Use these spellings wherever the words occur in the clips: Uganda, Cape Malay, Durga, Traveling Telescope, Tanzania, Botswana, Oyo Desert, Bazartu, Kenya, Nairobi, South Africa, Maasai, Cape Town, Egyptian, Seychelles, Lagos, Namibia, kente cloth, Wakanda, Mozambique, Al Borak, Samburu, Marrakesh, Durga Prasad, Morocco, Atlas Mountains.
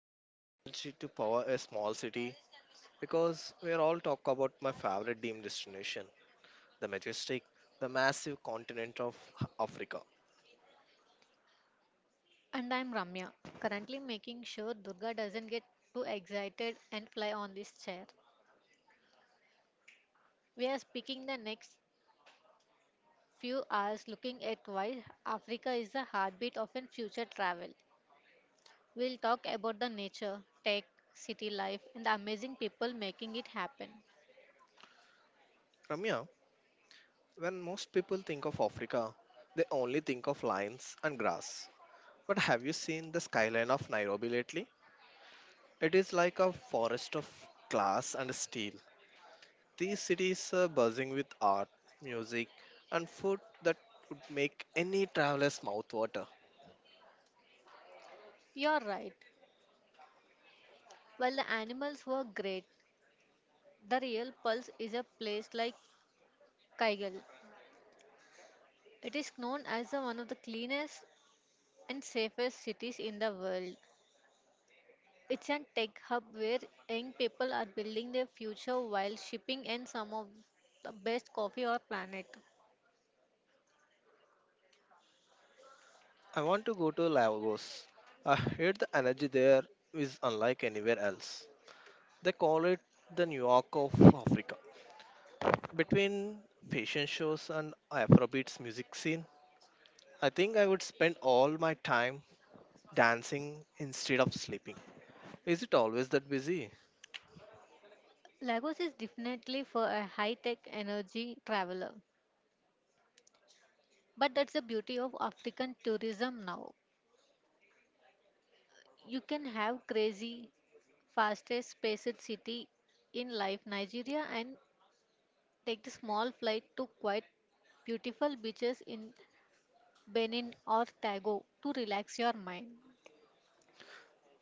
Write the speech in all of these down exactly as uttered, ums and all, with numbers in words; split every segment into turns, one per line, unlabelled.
I have enough energy to power a small city because we are all talk about my favorite dream destination, the majestic, the massive continent of Africa.
And I'm Ramya, currently making sure Durga doesn't get too excited and fly on this chair. We are speaking the next few hours looking at why Africa is the heartbeat of an future travel. We'll talk about the nature, tech, city life, and the amazing people making it happen.
Ramya, when most people think of Africa, they only think of lions and grass. But have you seen the skyline of Nairobi lately? It is like a forest of glass and steel. These cities are buzzing with art, music, and food that would make any traveler's mouth water.
You're right. While the animals were great, the real pulse is a place like Kaigal. It is known as the one of the cleanest and safest cities in the world. It's a tech hub where young people are building their future while shipping in some of the best coffee on planet.
I want to go to Lagos. I heard the energy there is unlike anywhere else. They call it the New York of Africa. Between fashion shows and Afrobeats music scene, I think I would spend all my time dancing instead of sleeping. Is it always that busy?
Lagos is definitely for a high-tech energy traveler. But that's the beauty of African tourism now. You can have crazy, fastest spaced city in life Nigeria and take the small flight to quite beautiful beaches in Benin or Togo to relax your mind.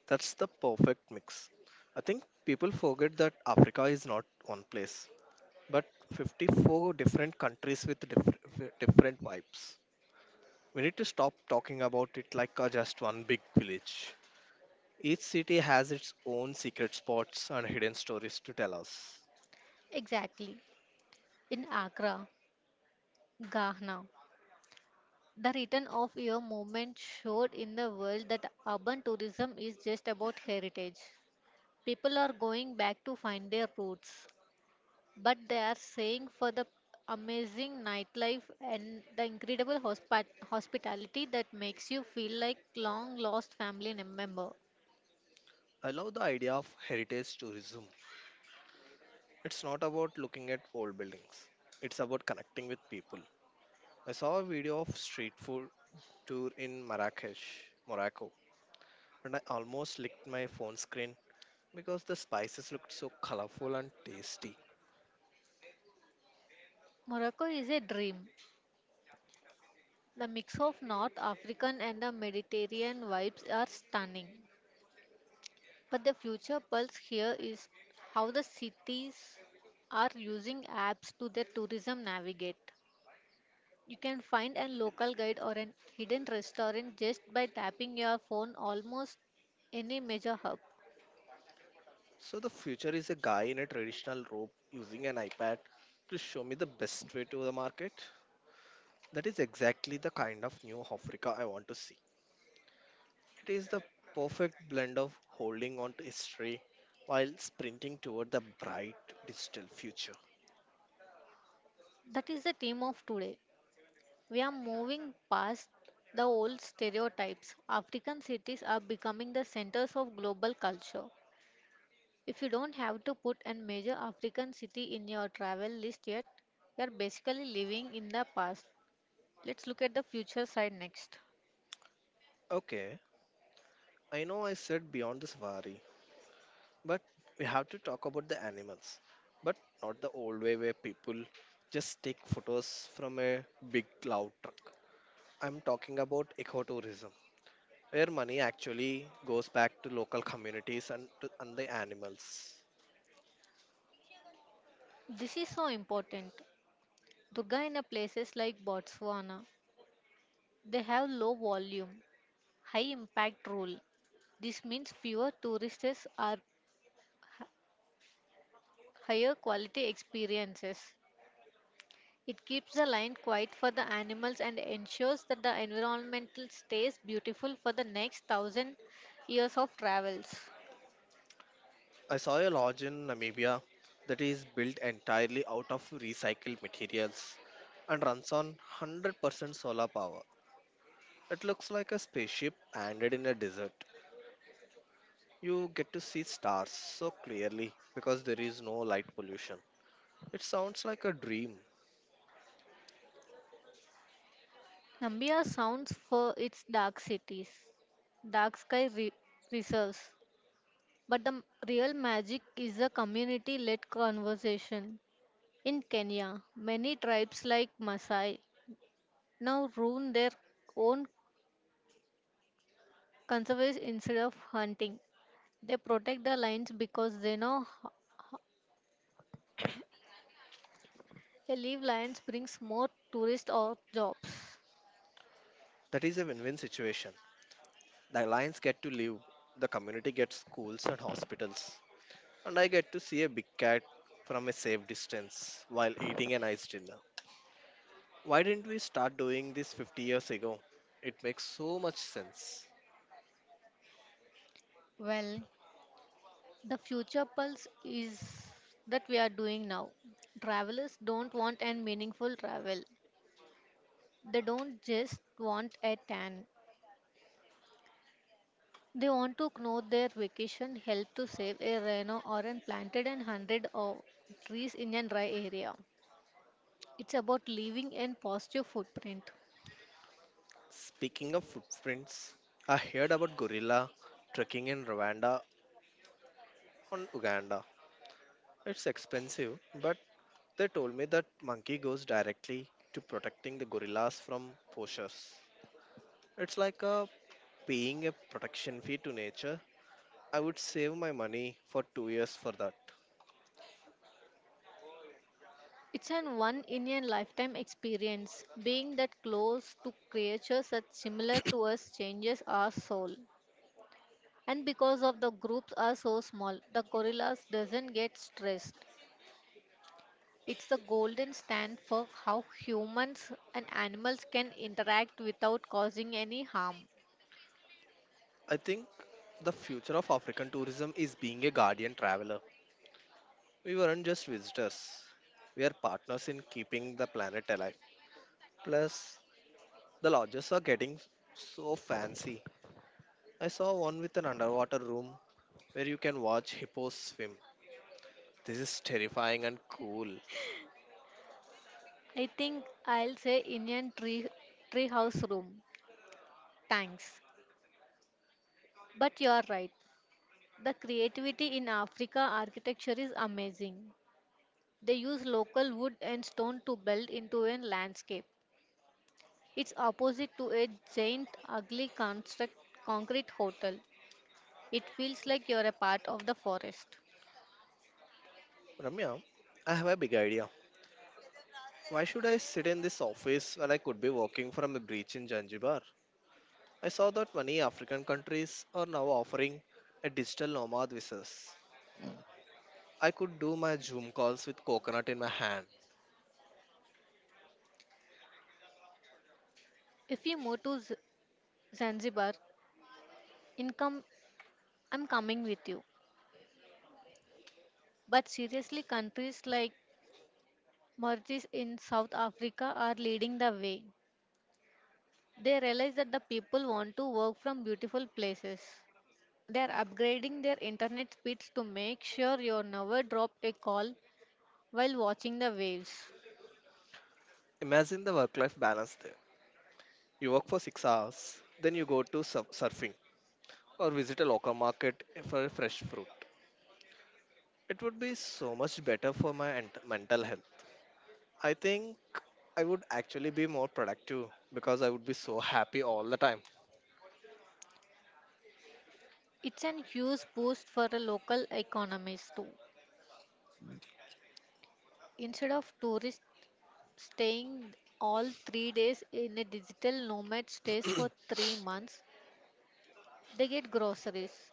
That's the perfect mix. I think people forget that Africa is not one place, but fifty-four different countries with different, different vibes. We need to stop talking about it like a just one big village. Each city has its own secret spots and hidden stories to tell us.
Exactly. In Accra, Ghana. The return of your movement showed in the world that urban tourism is just about heritage. People are going back to find their roots, but they are saying for the amazing nightlife and the incredible hospi- hospitality that makes you feel like long lost family nem- member.
I love the idea of heritage tourism. It's not about looking at old buildings, it's about connecting with people. I saw a video of street food tour in Marrakesh, Morocco, and I almost licked my phone screen because the spices looked so colorful and tasty.
Morocco is a dream. The mix of North African and the Mediterranean vibes are stunning. But the future pulse here is how the cities are using apps to their tourism navigate. You can find a local guide or a hidden restaurant just by tapping your phone almost any major hub.
So the future is a guy in a traditional robe using an iPad to show me the best way to the market. That is exactly the kind of new Africa I want to see. It is the perfect blend of holding on to history while sprinting toward the bright digital future.
That is the theme of today. We are moving past the old stereotypes. African cities are becoming the centers of global culture. If you don't have to put a major African city in your travel list yet, you are basically living in the past. Let's look at the future side next.
Okay, I know I said beyond the safari, but we have to talk about the animals, but not the old way where people just take photos from a big cloud truck. I'm talking about ecotourism where money actually goes back to local communities and, to, and the animals.
This is so important. Durga in a places like Botswana, they have low volume, high impact rule. This means fewer tourists are higher quality experiences. It keeps the line quiet for the animals and ensures that the environment stays beautiful for the next thousand years of travels.
I saw a lodge in Namibia that is built entirely out of recycled materials and runs on one hundred percent solar power. It looks like a spaceship landed in a desert. You get to see stars so clearly because there is no light pollution. It sounds like a dream.
Namibia sounds for its dark cities, dark sky re- reserves, But the m- real magic is the community led conversation. In Kenya, many tribes like Maasai now ruin their own conserves instead of hunting. They protect the lions because they know h- a live lions brings more tourists or jobs.
That is a win win situation. The Alliance get to live, the community gets schools and hospitals, and I get to see a big cat from a safe distance while eating a nice dinner. Why didn't we start doing this fifty years ago? It makes so much sense.
Well, the future pulse is that we are doing now. Travelers don't want a meaningful travel. They don't just want a tan. They want to know their vacation helped to save a rhino or an planted an hundred of trees in a dry area. It's about leaving a positive footprint.
Speaking of footprints, I heard about gorilla trekking in Rwanda and Uganda. It's expensive, but they told me that monkey goes directly to protecting the gorillas from poachers. It's like a paying a protection fee to nature. I would save my money for two years for that.
It's an one in a lifetime experience. Being that close to creatures that similar to us changes our soul. And because of the groups are so small, the gorillas doesn't get stressed. It's the golden stand for how humans and animals can interact without causing any harm.
I think the future of African tourism is being a guardian traveler. We weren't just visitors, we are partners in keeping the planet alive. Plus, the lodges are getting so fancy. I saw one with an underwater room where you can watch hippos swim. This is terrifying and cool.
I think I'll say Indian tree treehouse room. Thanks. But you're right. The creativity in Africa architecture is amazing. They use local wood and stone to build into a landscape. It's opposite to a giant ugly construct concrete hotel. It feels like you're a part of the forest.
Ramya, I have a big idea. Why should I sit in this office when I could be working from a beach in Zanzibar? I saw that many African countries are now offering a digital nomad visas. I could do my Zoom calls with coconut in my hand.
If you move to Z- Zanzibar, income I'm coming with you. But seriously, countries like Merchants in South Africa are leading the way. They realize that the people want to work from beautiful places. They are upgrading their internet speeds to make sure you never drop a call while watching the waves.
Imagine the work life balance there. You work for six hours, then you go to sur- surfing or visit a local market for fresh fruit. It would be so much better for my ent- mental health. I think I would actually be more productive because I would be so happy all the time.
It's an huge boost for the local economies too. Instead of tourists staying all three days in a digital nomad stays for three months, they get groceries,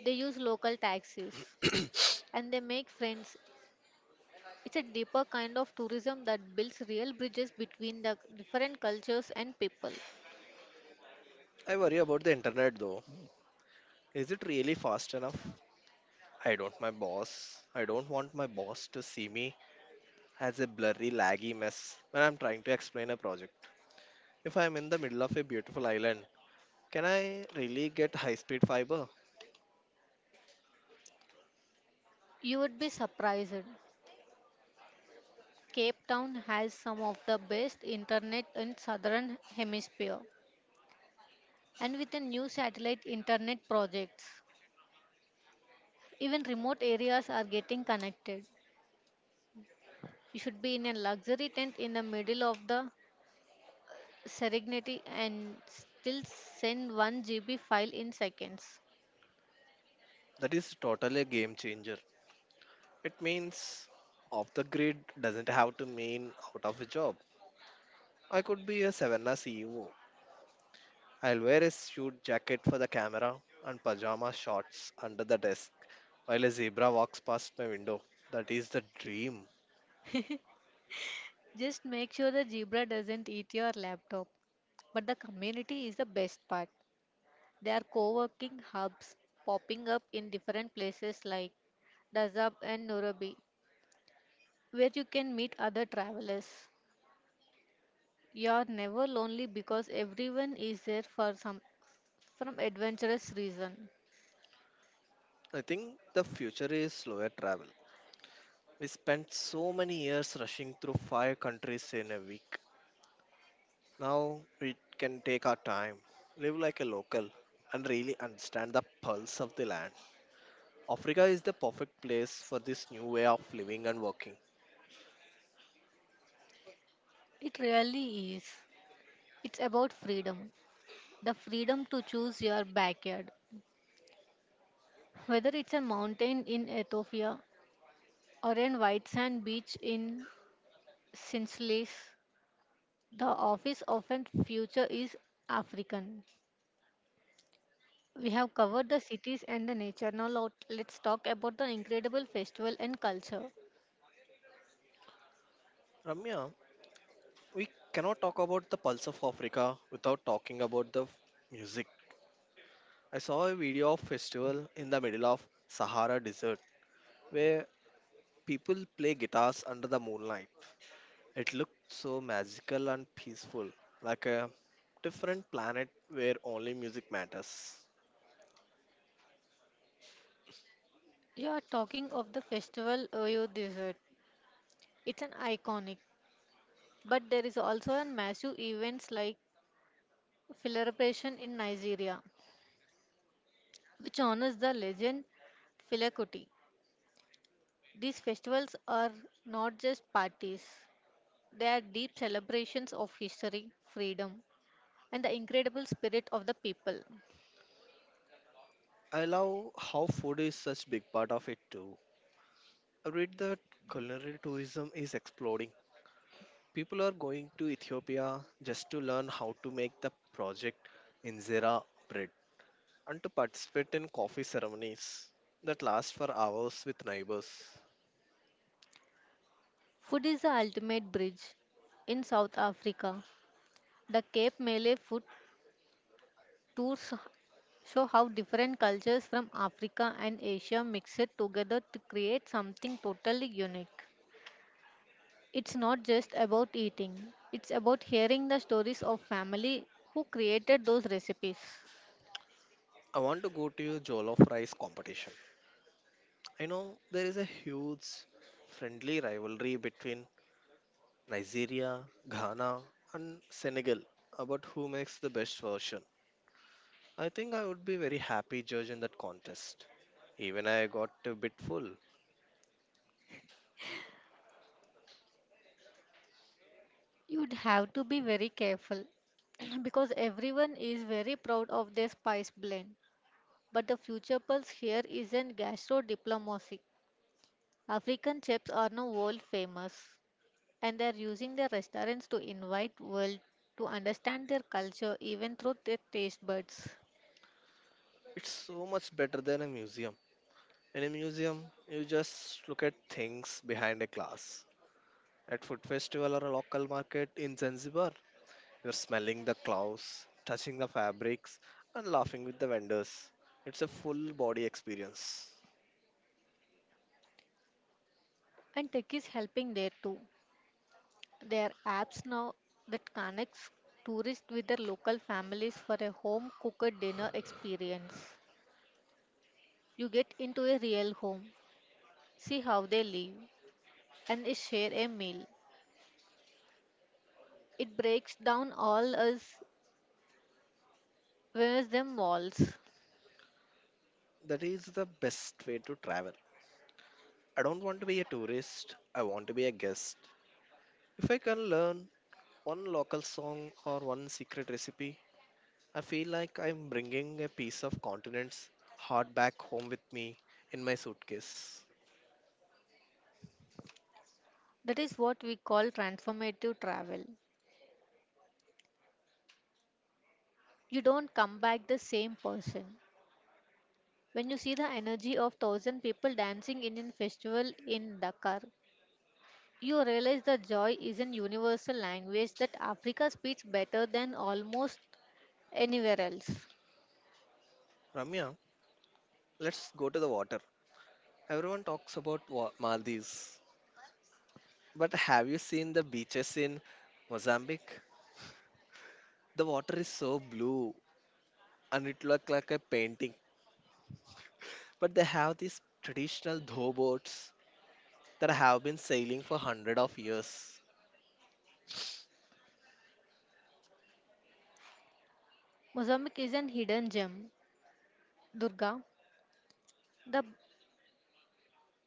they use local taxis, and they make friends. It's a deeper kind of tourism that builds real bridges between the different cultures and people.
I worry about the internet though. Is it really fast enough? I don't my boss. I don't want my boss to see me as a blurry laggy mess when I'm trying to explain a project. If I'm in the middle of a beautiful island, can I really get high speed fiber?
You would be surprised. Cape Town has some of the best internet in southern hemisphere and with the new satellite internet projects even remote areas are getting connected. You should be in a luxury tent in the middle of the Serengeti and still send one G B file in seconds.
That is totally a game changer. It means off the grid doesn't have to mean out of a job. I could be a Savannah C E O. I'll wear a suit jacket for the camera and pajama shorts under the desk while a zebra walks past my window. That is the dream.
Just make sure the zebra doesn't eat your laptop. But the community is the best part. There are co working hubs popping up in different places like Dazab and Nairobi, where you can meet other travelers. You are never lonely because everyone is there for some from adventurous reason.
I think the future is slower travel. We spent so many years rushing through five countries in a week. Now we can take our time, live like a local, and really understand the pulse of the land. Africa is the perfect place for this new way of living and working.
It really is. It's about freedom. The freedom to choose your backyard. Whether it's a mountain in Ethiopia or a white sand beach in Sincelis, the office often future is African. We have covered the cities and the nature. Now lot- let's talk about the incredible festival and culture.
Ramya, we cannot talk about the pulse of Africa without talking about the f- music. I saw a video of festival in the middle of Sahara desert where people play guitars under the moonlight. It looked so magical and peaceful, like a different planet where only music matters.
You are talking of the festival Oyo Desert. It's an iconic, but there is also a massive events like celebration in Nigeria, which honors the legend Filakuti. These festivals are not just parties, they are deep celebrations of history, freedom, and the incredible spirit of the people.
I love how food is such big part of it too. I read that culinary tourism is exploding. People are going to Ethiopia just to learn how to make the project injera bread and to participate in coffee ceremonies that last for hours with neighbors.
Food is the ultimate bridge. In South Africa, the Cape Malay food tours show how different cultures from Africa and Asia mix it together to create something totally unique. It's not just about eating, it's about hearing the stories of family who created those recipes.
I want to go to a jollof rice competition. I know there is a huge friendly rivalry between Nigeria, Ghana, and Senegal about who makes the best version. I think I would be very happy judge in that contest. Even I got a bit full.
You'd have to be very careful because everyone is very proud of their spice blend. But the future pulse here isn't gastro diplomacy. African chefs are now world famous and they are using their restaurants to invite world to understand their culture even through their taste buds.
It's so much better than a museum. In a museum, you just look at things behind a glass. At food festival or a local market in Zanzibar, you're smelling the clothes, touching the fabrics, and laughing with the vendors. It's a full body experience.
And tech is helping there too. There are apps now that connects tourists with their local families for a home cooked dinner experience. You get into a real home, see how they live, and they share a meal. It breaks down all us where's them walls.
That is the best way to travel. I don't want to be a tourist. I want to be a guest. If I can learn, one local song or one secret recipe. I feel like I'm bringing a piece of continent's heart back home with me in my suitcase.
That is what we call transformative travel. You don't come back the same person. When you see the energy of thousand people dancing in a festival in Dakar, you realize the joy is an universal language that Africa speaks better than almost anywhere else.
Ramya, let's go to the water. Everyone talks about wa- Maldives, but have you seen the beaches in Mozambique? The water is so blue and it looks like a painting, but they have these traditional tow boats that have been sailing for hundreds of years.
Mozambique is an hidden gem. Durga, the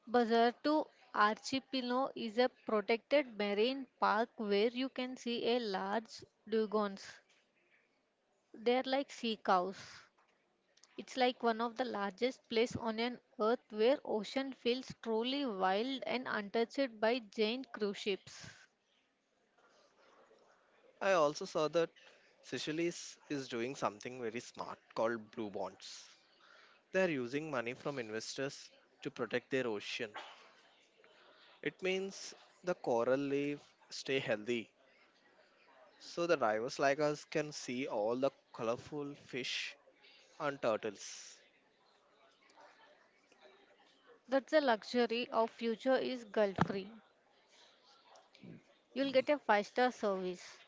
Bazartu archipelago is a protected marine park where you can see a large dugongs. They are like sea cows. It's like one of the largest places on an earth where ocean feels truly wild and untouched by giant cruise ships.
I also saw that Seychelles is doing something very smart called blue bonds. They are using money from investors to protect their ocean. It means the coral reef stay healthy so the divers like us can see all the colorful fish and turtles.
That's the luxury of future is guilt-free. You'll get a five-star service,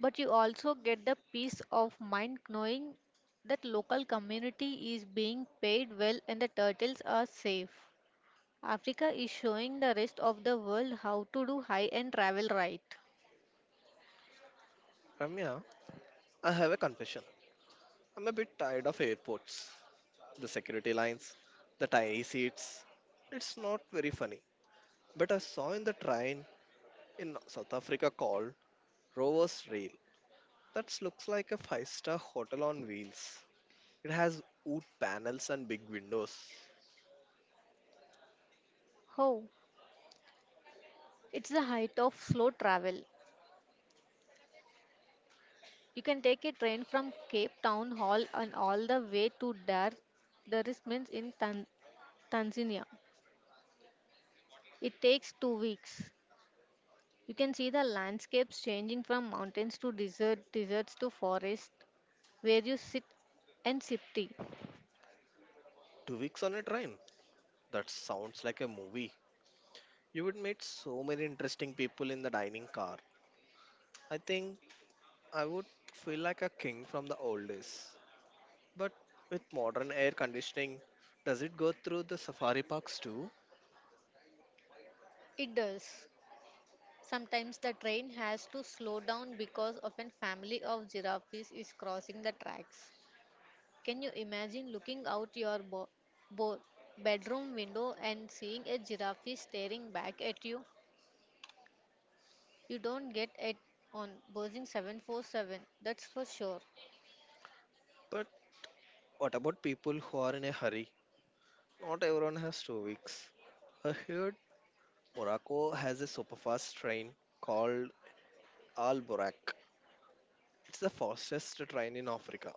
but you also get the peace of mind knowing that local community is being paid well and the turtles are safe. Africa is showing the rest of the world how to do high-end travel right.
Ramya, I have a confession. I'm a bit tired of airports. The security lines, the tiny seats. It's not very funny. But I saw in the train in South Africa called Rover's Rail. That looks like a five star hotel on wheels. It has wood panels and big windows.
Oh, it's the height of slow travel. You can take a train from Cape Town Hall and all the way to Dar Dar es Salaam in Tan Tanzania. It takes two weeks. You can see the landscapes changing from mountains to desert, deserts to forest, where you sit and sip tea.
Two weeks on a train. That sounds like a movie. You would meet so many interesting people in the dining car. I think I would feel like a king from the old days. But with modern air conditioning, does it go through the safari parks too?
It does. Sometimes the train has to slow down because of a family of giraffes is crossing the tracks. Can you imagine looking out your bo- bo- bedroom window and seeing a giraffe staring back at you? You don't get it on Boeing seven forty-seven, that's for sure.
But what about people who are in a hurry? Not everyone has two weeks. I heard Morocco has a superfast train called Al Borak. It's the fastest train in Africa.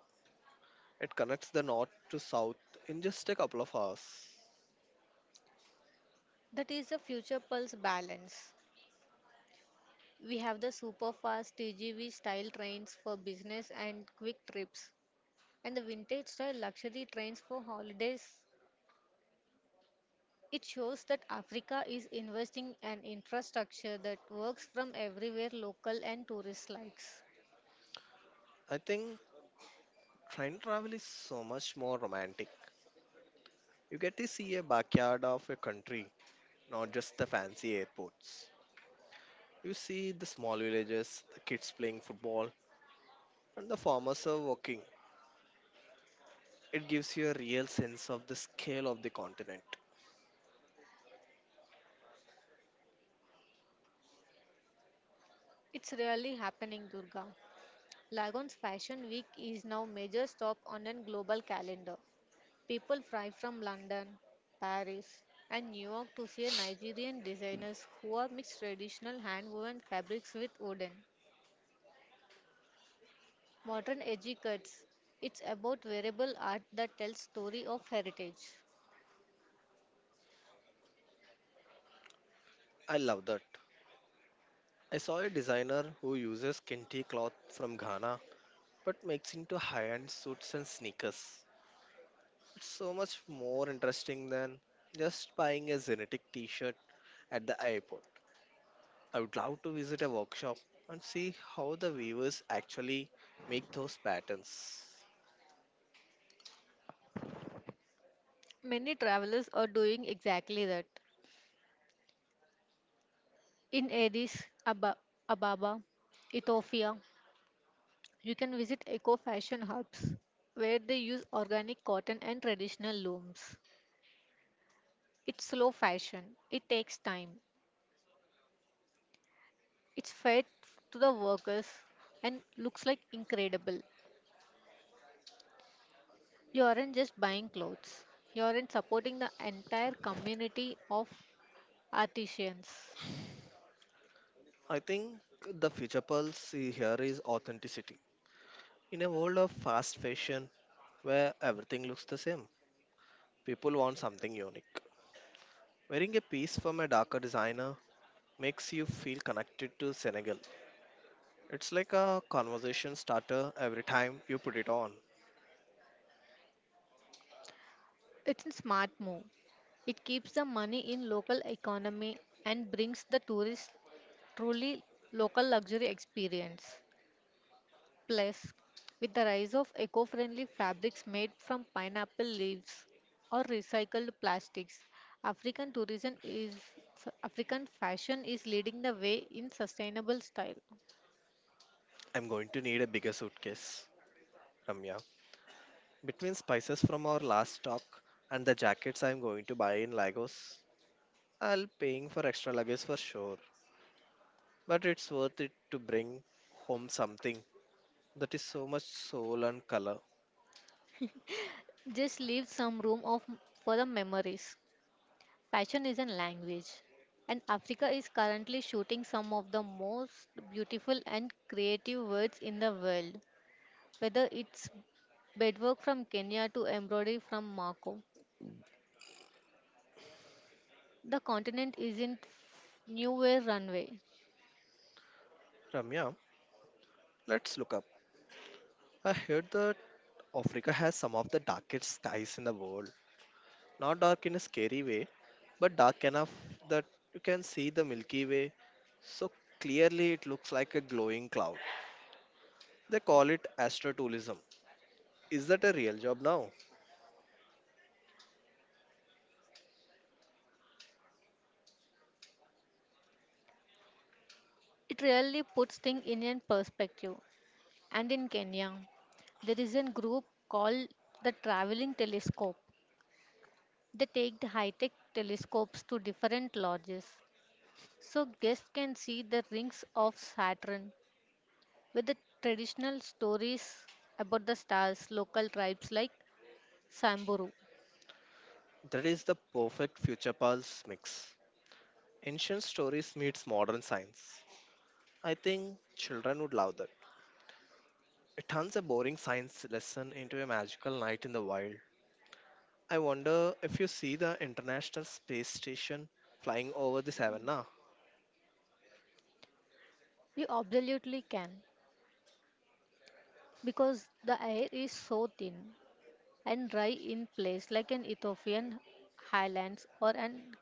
It connects the north to south in just a couple of hours.
That is the future pulse balance. We have the super fast T G V style trains for business and quick trips, and the vintage style luxury trains for holidays. It shows that Africa is investing in infrastructure that works from everywhere local and tourist likes.
I think train travel is so much more romantic. You get to see a backyard of a country, not just the fancy airports. You see the small villages, the kids playing football, and the farmers are working. It gives you a real sense of the scale of the continent.
It's really happening, Durga. Lagon's Fashion Week is now major stop on a global calendar. People fly from London, Paris, and New York to see Nigerian designers who are mixed traditional hand-woven fabrics with wooden, modern edgy cuts. It's about wearable art that tells story of heritage.
I love that. I saw a designer who uses kente cloth from Ghana but makes into high-end suits and sneakers. It's so much more interesting than just buying a genetic t-shirt at the airport. I would love to visit a workshop and see how the weavers actually make those patterns.
Many travelers are doing exactly that. In Addis Aba- Ababa, Ethiopia, you can visit eco fashion hubs where they use organic cotton and traditional looms. It's slow fashion, it takes time, it's fair to the workers and looks like incredible. You aren't just buying clothes, you aren't supporting the entire community of artisans.
I think the future pulse here is authenticity. In a world of fast fashion where everything looks the same, people want something unique. Wearing a piece from a darker designer makes you feel connected to Senegal. It's like a conversation starter every time you put it on.
It's a smart move. It keeps the money in local economy and brings the tourists truly local luxury experience. Plus, with the rise of eco friendly fabrics made from pineapple leaves or recycled plastics, African tourism is African fashion is leading the way in sustainable style.
I'm going to need a bigger suitcase, Ramya. Between spices from our last stock and the jackets I'm going to buy in Lagos, I'll paying for extra luggage for sure. But it's worth it to bring home something that is so much soul and color.
Just leave some room of for the memories. Fashion is a language, and Africa is currently shooting some of the most beautiful and creative words in the world. Whether it's bedwork from Kenya to embroidery from Morocco, the continent isn't f- new way runway.
Ramya, let's look up. I heard that Africa has some of the darkest skies in the world. Not dark in a scary way, but dark enough that you can see the Milky Way. So clearly, it looks like a glowing cloud. They call it astrotourism. Is that a real job now?
It really puts things in a perspective. And in Kenya, there is a group called the Traveling Telescope. They take the high-tech telescopes to different lodges, so guests can see the rings of Saturn, with the traditional stories about the stars, local tribes like Samburu.
That is the perfect future pulse mix. Ancient stories meets modern science. I think children would love that. It turns a boring science lesson into a magical night in the wild. I wonder if you see the International Space Station flying over the savannah.
You absolutely can, because the air is so thin and dry in place like an Ethiopian highlands or an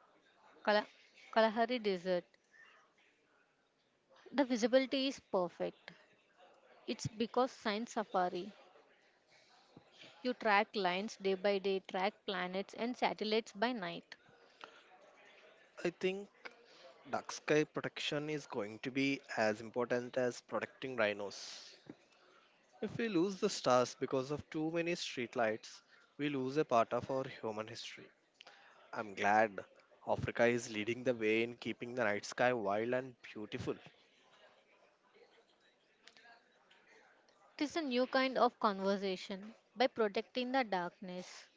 Kala- Kalahari desert. The visibility is perfect. It's because science safari. You track lines day by day, track planets and satellites by night.
I think Dark sky protection is going to be as important as protecting rhinos. If we lose the stars because of too many streetlights, we lose a part of our human history. I'm glad Africa is leading the way in keeping the night sky wild and beautiful.
It is a new kind of conversation. By protecting the darkness,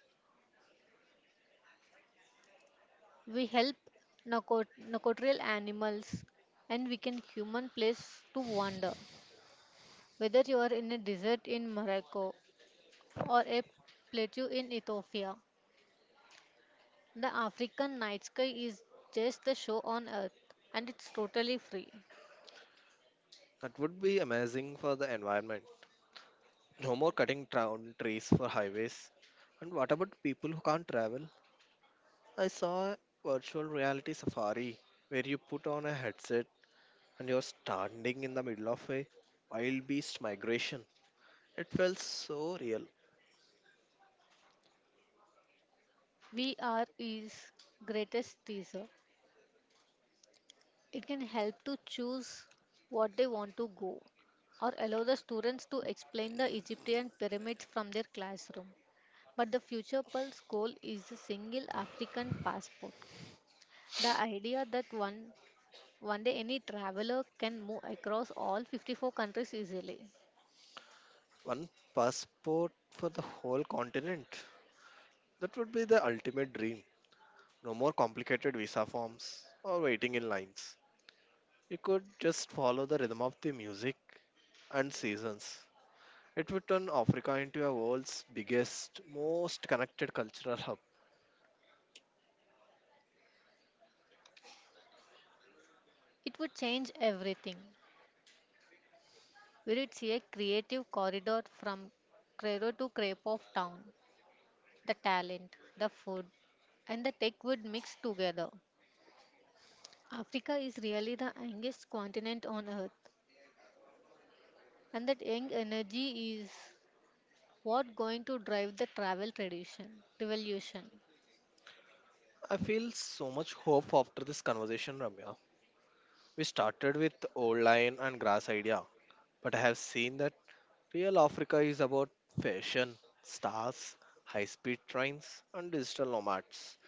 we help narco- narcotrial animals and we can human place to wander. Whether you are in a desert in Morocco or a plateau in Ethiopia, the African night sky is just the show on earth and it's totally free.
That would be amazing for the environment. No more cutting down trees for highways. And what about people who can't travel? I saw a virtual reality safari where you put on a headset and you're standing in the middle of a wild beast migration. It felt so real.
V R is greatest teaser. It can help to choose what they want to go or allow the students to explain the Egyptian pyramids from their classroom. But the future pulse goal is a single African passport. The idea that one one day any traveler can move across all fifty-four countries easily.
One passport for the whole continent. That would be the ultimate dream. No more complicated visa forms or waiting in lines. You could just follow the rhythm of the music and seasons. It would turn Africa into a world's biggest, most connected cultural hub.
It would change everything. Will it see a creative corridor from Cairo to Crepe of Town? The talent, the food, and the tech would mix together. Africa is really the youngest continent on earth, and that young energy is what going to drive the travel tradition revolution.
I feel so much hope after this conversation, Ramya. We started with old lion and grass idea, but I have seen that Real Africa is about fashion, stars, high speed trains, and digital nomads.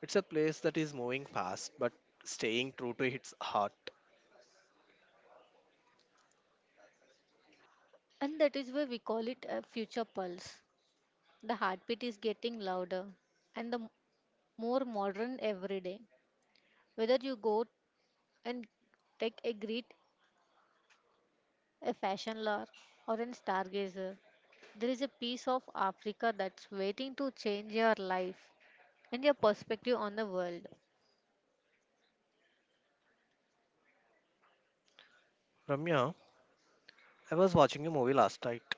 It's a place that is moving fast but staying true to its heart.
And that is why we call it a future pulse. The heartbeat is getting louder and the more modern every day. Whether you go and take a great a fashion lore, or a stargazer. There is a piece of Africa that's waiting to change your life and your perspective on the world.
Ramya, I was watching a movie last night.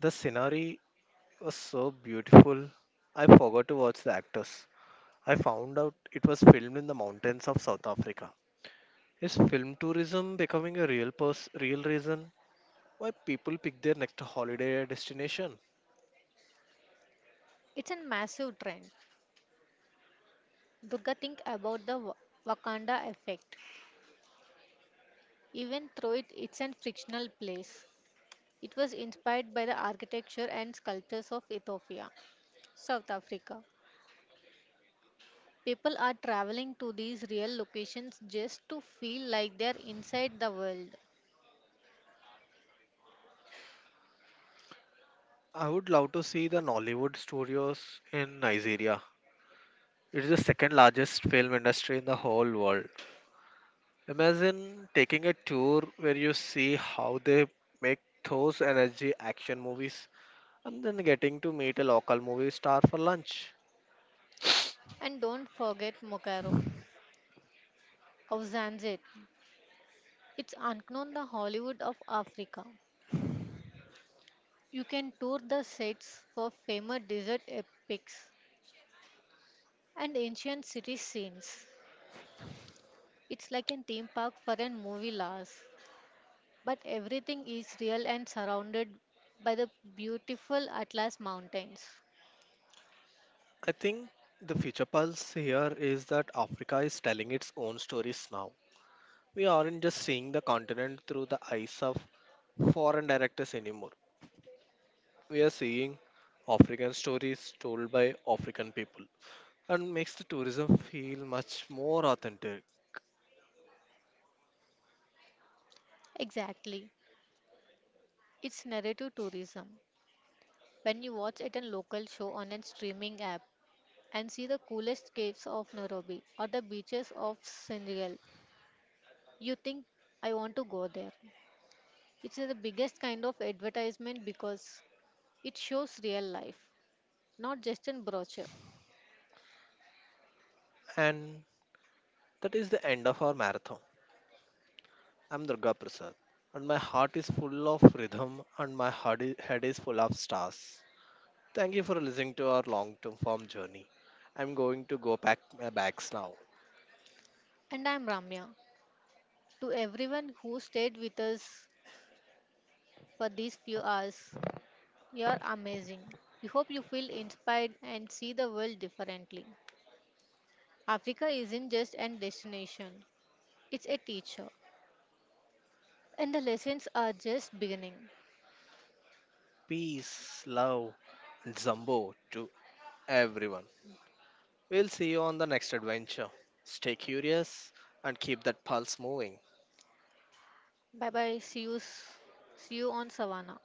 The scenery was so beautiful. I forgot to watch the actors. I found out it was filmed in the mountains of South Africa. Is film tourism becoming a real pers- real reason why people pick their next holiday destination?
It's a massive trend. Durga, think about the Wa- Wakanda effect. Even though it, it's a fictional place, it was inspired by the architecture and sculptures of Ethiopia, South Africa. People are traveling to these real locations just to feel like they're inside the world.
I would love to see the Nollywood studios in Nigeria. It is the second largest film industry in the whole world. Imagine taking a tour where you see how they make those energy action movies and then getting to meet a local movie star for lunch.
And don't forget Mokaro of Zanzit. It's Anknon, the Hollywood of Africa. You can tour the sets for famous desert epics and ancient city scenes. It's like a theme park for a movie lovers, but everything is real and surrounded by the beautiful Atlas Mountains.
I think the future pulse here is that Africa is telling its own stories now. We aren't just seeing the continent through the eyes of foreign directors anymore. We are seeing African stories told by African people and makes the tourism feel much more authentic.
Exactly. It's narrative tourism. When you watch at a local show on a streaming app and see the coolest caves of Nairobi or the beaches of Senegal, you think, I want to go there. It's the biggest kind of advertisement because it shows real life, not just in brochure.
And that is the end of our marathon. I'm Durga Prasad and my heart is full of rhythm and my heart i- head is full of stars. Thank you for listening to our long term form journey. I'm going to go pack my bags now.
And I'm Ramya. To everyone who stayed with us for these few hours, you're amazing. We hope you feel inspired and see the world differently. Africa isn't just an destination, it's a teacher. And the lessons are just beginning.
Peace, love, and Zambo to everyone. We'll see you on the next adventure. Stay curious and keep that pulse moving.
Bye bye. See you, s- see you on Savannah.